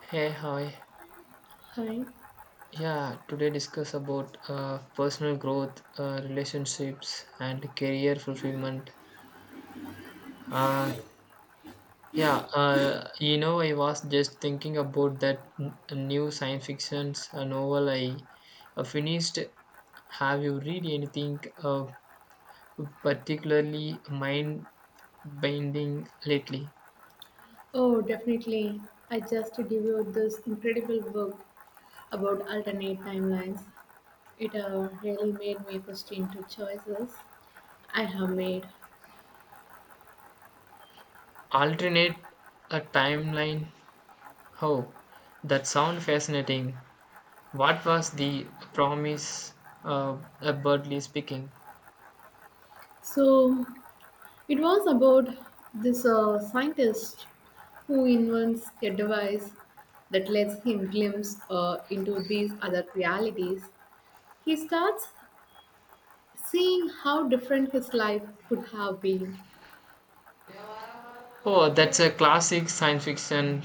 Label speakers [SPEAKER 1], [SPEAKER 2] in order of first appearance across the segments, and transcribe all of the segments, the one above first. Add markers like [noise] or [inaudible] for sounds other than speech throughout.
[SPEAKER 1] Hey, hi.
[SPEAKER 2] Hi.
[SPEAKER 1] Yeah, today discuss about personal growth, relationships, and career fulfillment. Uh, yeah, you know, I was just thinking about that new science fiction novel I finished. Have you read anything particularly mind binding lately?
[SPEAKER 2] Oh, definitely. I just devoured this incredible book about alternate timelines. It really made me question two choices I have made.
[SPEAKER 1] Alternate a timeline. Oh, that sound fascinating. What was the promise? Broadly speaking.
[SPEAKER 2] So, it was about this scientist who invents a device that lets him glimpse into these other realities. He starts seeing how different his life could have been.
[SPEAKER 1] Oh, that's a classic science fiction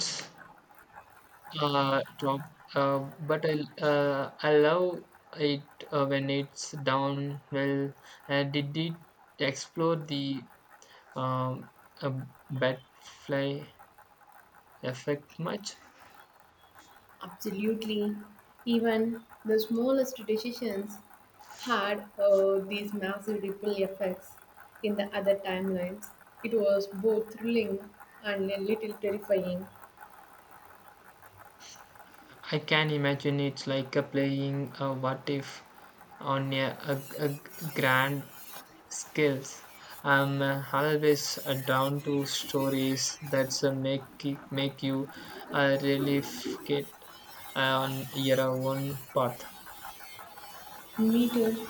[SPEAKER 1] drop. But I love it when it's down well. Did it explore the um, uh, butterfly effect much?
[SPEAKER 2] Absolutely. Even the smallest decisions had these massive ripple effects in the other timelines. It was both thrilling and a little terrifying.
[SPEAKER 1] I can imagine it's like a playing a what if on a grand scales. I'm always down to stories that's make you really get on your own path.
[SPEAKER 2] Me too.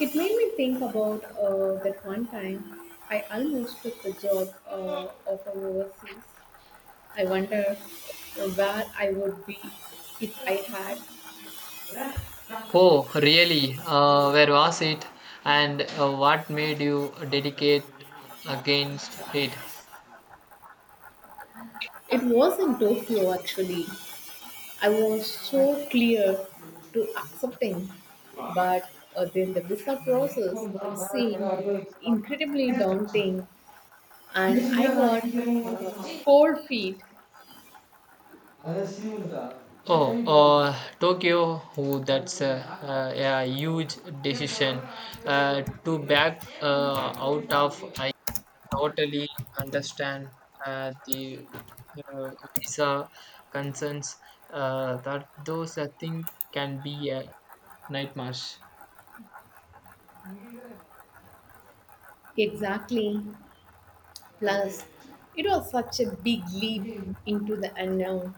[SPEAKER 2] It made me think about that one time I almost took the job of overseas. I wonder where I would be if I had.
[SPEAKER 1] Oh, really? Where was it? And what made you dedicate against it?
[SPEAKER 2] It was in Tokyo actually. I was so clear to accepting, but then the visa process it seemed incredibly daunting, and I got uh,
[SPEAKER 1] [laughs]
[SPEAKER 2] cold feet.
[SPEAKER 1] Oh, Tokyo, who that's a huge decision to back out of. I totally understand the visa concerns that those I think can be a nightmare.
[SPEAKER 2] Exactly. Plus, it was such a big leap into the unknown.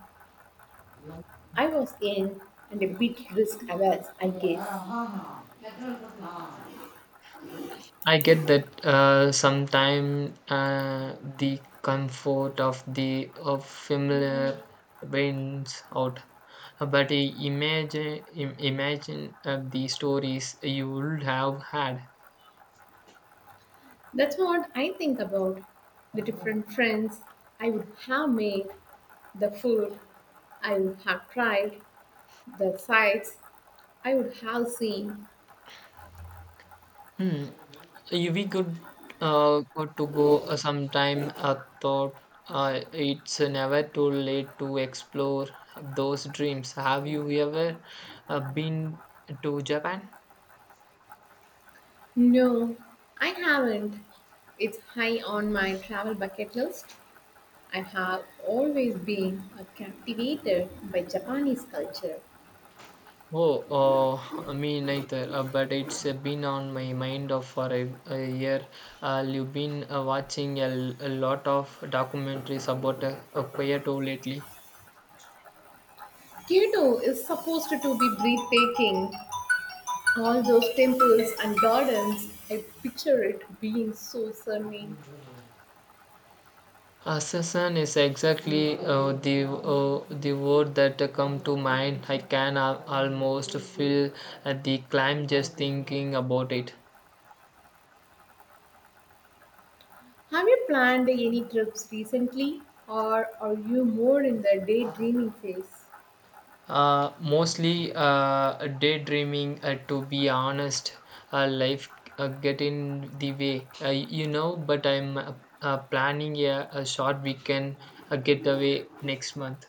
[SPEAKER 2] I was in and a bit risk averse, I guess.
[SPEAKER 1] I get that sometimes the comfort of the of familiar wins out, but imagine the stories you would have had.
[SPEAKER 2] That's what I think about the different friends I would have made, the food I would have tried, the sights I would have seen.
[SPEAKER 1] Hmm. We could go sometime. I thought uh, it's never too late to explore those dreams. Have you ever been to Japan?
[SPEAKER 2] No, I haven't. It's high on my travel bucket list. I have always been captivated by Japanese culture.
[SPEAKER 1] Oh, me neither. But it's been on my mind of for a year. You've been watching a lot of documentaries about Kyoto lately.
[SPEAKER 2] Kyoto is supposed to be breathtaking. All those temples and gardens, I picture it being so serene.
[SPEAKER 1] Assassin is exactly the word that come to mind. I can almost feel the climb just thinking about it.
[SPEAKER 2] Have you planned any trips recently, or are you more in the daydreaming phase?
[SPEAKER 1] Mostly daydreaming, to be honest. Life get in the way, you know. But I'm planning a short weekend getaway next month.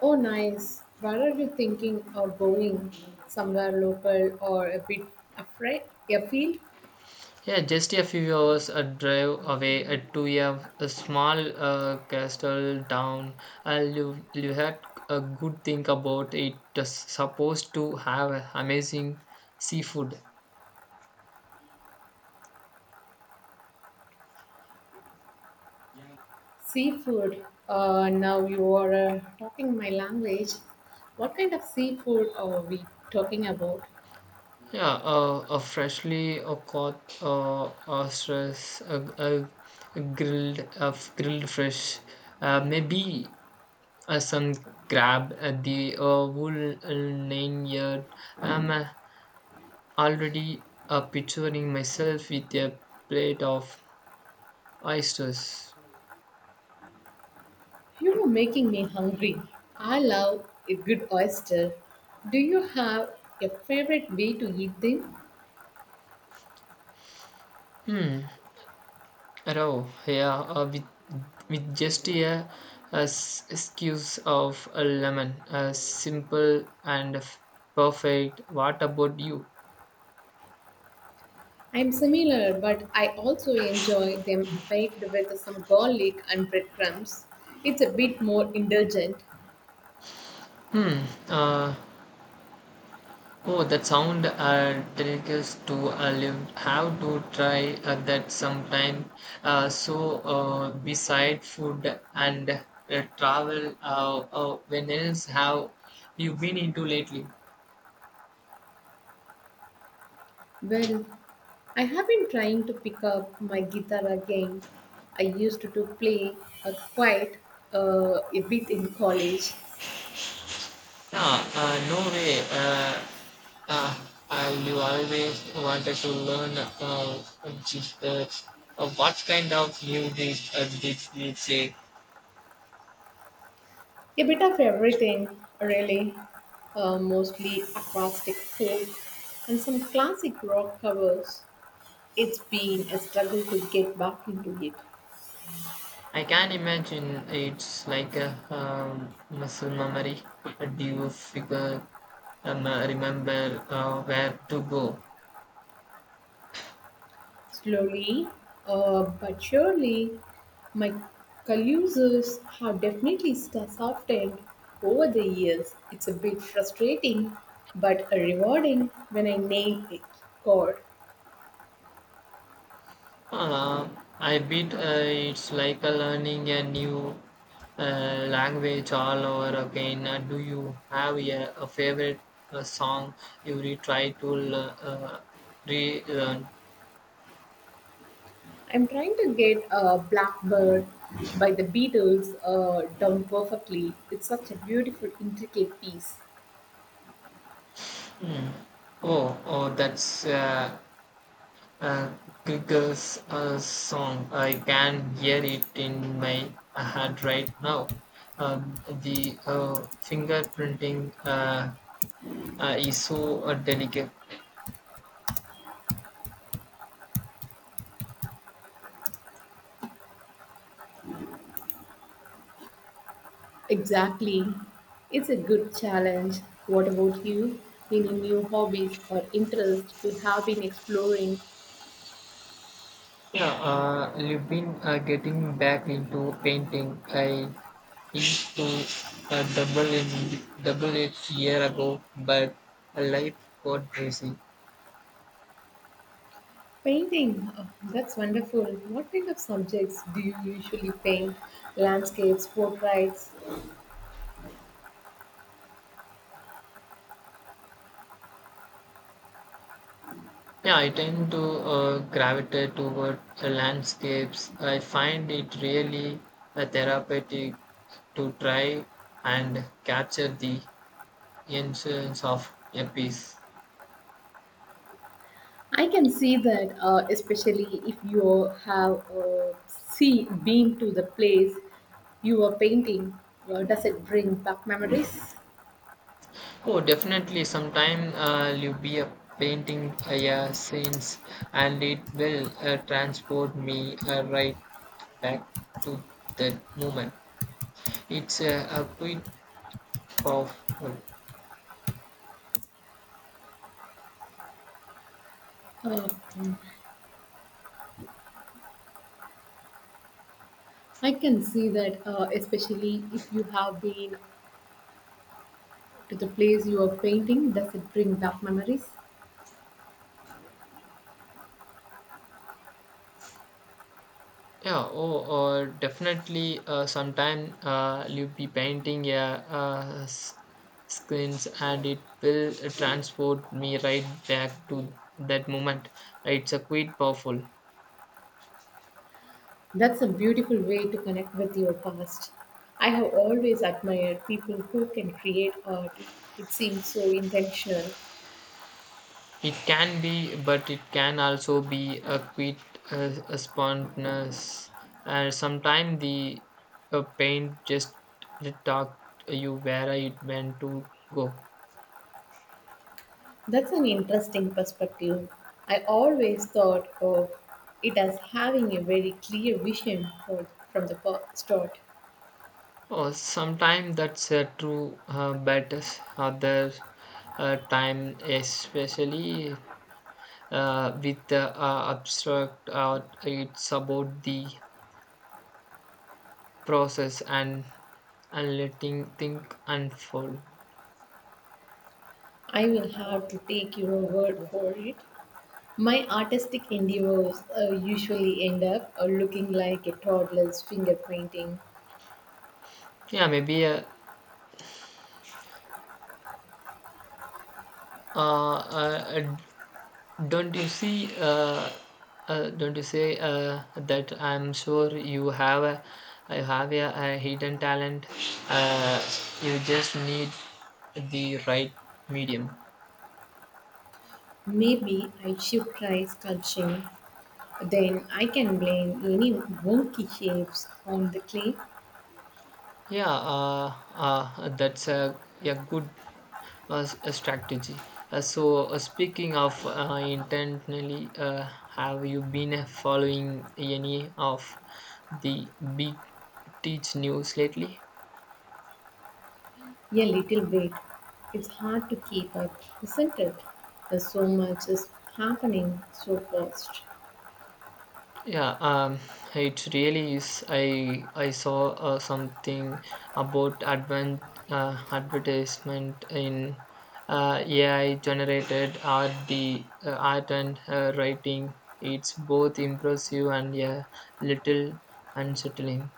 [SPEAKER 2] Oh, nice. Where are you thinking of going? Somewhere local or a bit afraid? Afield?
[SPEAKER 1] Yeah, just a few hours a drive away to a small castle town. You had a good think about it. It's supposed to have amazing seafood.
[SPEAKER 2] Seafood. Now you are talking my language. What kind of seafood are we talking about?
[SPEAKER 1] Yeah, a freshly caught ostrich, a grilled fish, maybe some crab at the whole 9 yard. I'm already picturing myself with a plate of oysters.
[SPEAKER 2] You are making me hungry. I love a good oyster. Do you have a favorite way to eat them?
[SPEAKER 1] Hmm, oh, yeah, with just a squeeze of a lemon, simple and perfect. What about you?
[SPEAKER 2] I'm similar, but I also enjoy them baked with some garlic and breadcrumbs. It's a bit more indulgent.
[SPEAKER 1] Hmm. Uh, oh, that sound delicious to live. Have to try that sometime. Beside food and travel, when else have you been into lately?
[SPEAKER 2] Well, I have been trying to pick up my guitar again. I used to play quite a bit in college.
[SPEAKER 1] Yeah, no way. Uh, you always wanted to learn just, uh, what kind of music did you say?
[SPEAKER 2] A bit of everything, really. Mostly acoustic folk and some classic rock covers. It's been a struggle to get back into it.
[SPEAKER 1] I can't imagine it's like a muscle memory. Do you figure, remember where to go?
[SPEAKER 2] Slowly, but surely, my calluses have definitely softened over the years. It's a bit frustrating, but a rewarding when I nail it. God,
[SPEAKER 1] Uh, I bet it's like learning a new language all over again. Do you have a favorite song you really try to relearn?
[SPEAKER 2] I'm trying to get Blackbird by the Beatles down perfectly. It's such a beautiful, intricate piece.
[SPEAKER 1] Mm. Oh, that's uh, Google's song. I can hear it in my head right now. The fingerprinting is so delicate.
[SPEAKER 2] Exactly. It's a good challenge. What about you? Any new hobbies or interests you have been exploring?
[SPEAKER 1] Yeah, you've been getting back into painting. I into a double in double it year ago, but life got busy.
[SPEAKER 2] Painting, oh, that's wonderful. What kind of subjects do you usually paint? Landscapes, portraits?
[SPEAKER 1] Yeah, I tend to gravitate toward landscapes. I find it really therapeutic to try and capture the essence of a piece.
[SPEAKER 2] I can see that, especially if you have see been to the place you are painting, does it bring back memories?
[SPEAKER 1] Oh, definitely. Sometime you be a painting yeah, scenes, and it will transport me right back to that moment. It's a bit powerful.
[SPEAKER 2] Uh, I can see that, especially if you have been to the place you are painting, does it bring back memories?
[SPEAKER 1] Yeah. Oh, definitely. Sometime you be painting yeah screens, and it will transport me right back to that moment. It's a quite powerful.
[SPEAKER 2] That's a beautiful way to connect with your past. I have always admired people who can create art. It seems so intentional.
[SPEAKER 1] It can be, but it can also be a quite a spontaneous. And sometimes the paint just talk you where it went to go.
[SPEAKER 2] That's an interesting perspective. I always thought of it as having a very clear vision from the start.
[SPEAKER 1] Oh, sometimes that's true, but other time, especially with the abstract art, it's about the process and letting think unfold.
[SPEAKER 2] I will have to take your word for it. My artistic endeavors usually end up looking like a toddler's finger painting.
[SPEAKER 1] Yeah, maybe Uh, uh, don't you see? Don't you say that I'm sure you have a hidden talent. Uh, you just need the right medium.
[SPEAKER 2] Maybe I should try sculpting. Then I can blame any wonky shapes on the clay.
[SPEAKER 1] Yeah, that's a good a strategy. Speaking of intentionally, have you been following any of the big teach news lately?
[SPEAKER 2] A little bit. It's hard to keep up, isn't it? There's so much is happening so fast.
[SPEAKER 1] Yeah, it really is. I saw something about advent advertisement in AI generated art, the art and writing. It's both impressive and yeah, little unsettling.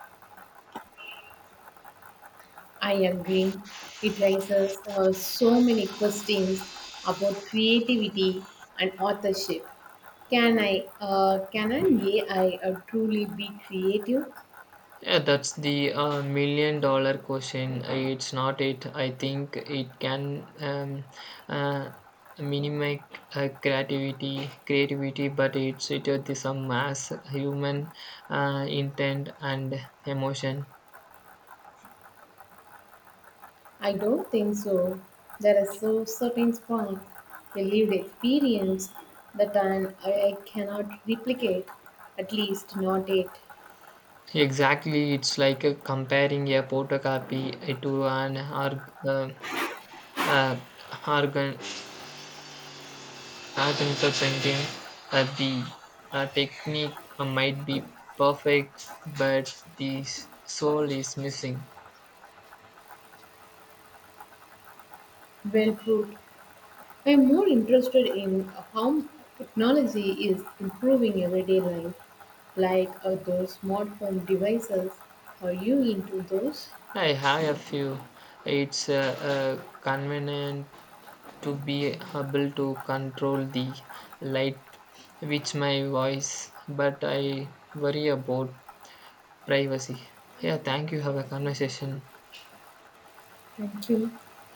[SPEAKER 2] I agree. It raises so many questions about creativity and authorship. Can an AI truly be creative?
[SPEAKER 1] Yeah, that's the million-dollar question. It's not it. I think it can uh, minimize creativity, but it's it with some mass human intent and emotion.
[SPEAKER 2] I don't think so. There is so certain spark, a lived experience that I cannot replicate, at least not it.
[SPEAKER 1] Exactly, it's like comparing a photocopy to an uh, organ. I think the thinking that the technique might be perfect, but the soul is missing.
[SPEAKER 2] Well put. I am more interested in how technology is improving everyday life, like those smartphone devices. Are you into those?
[SPEAKER 1] I have a few. It's convenient to be able to control the light with my voice, but I worry about privacy. Yeah, thank you. Have a conversation.
[SPEAKER 2] Thank you.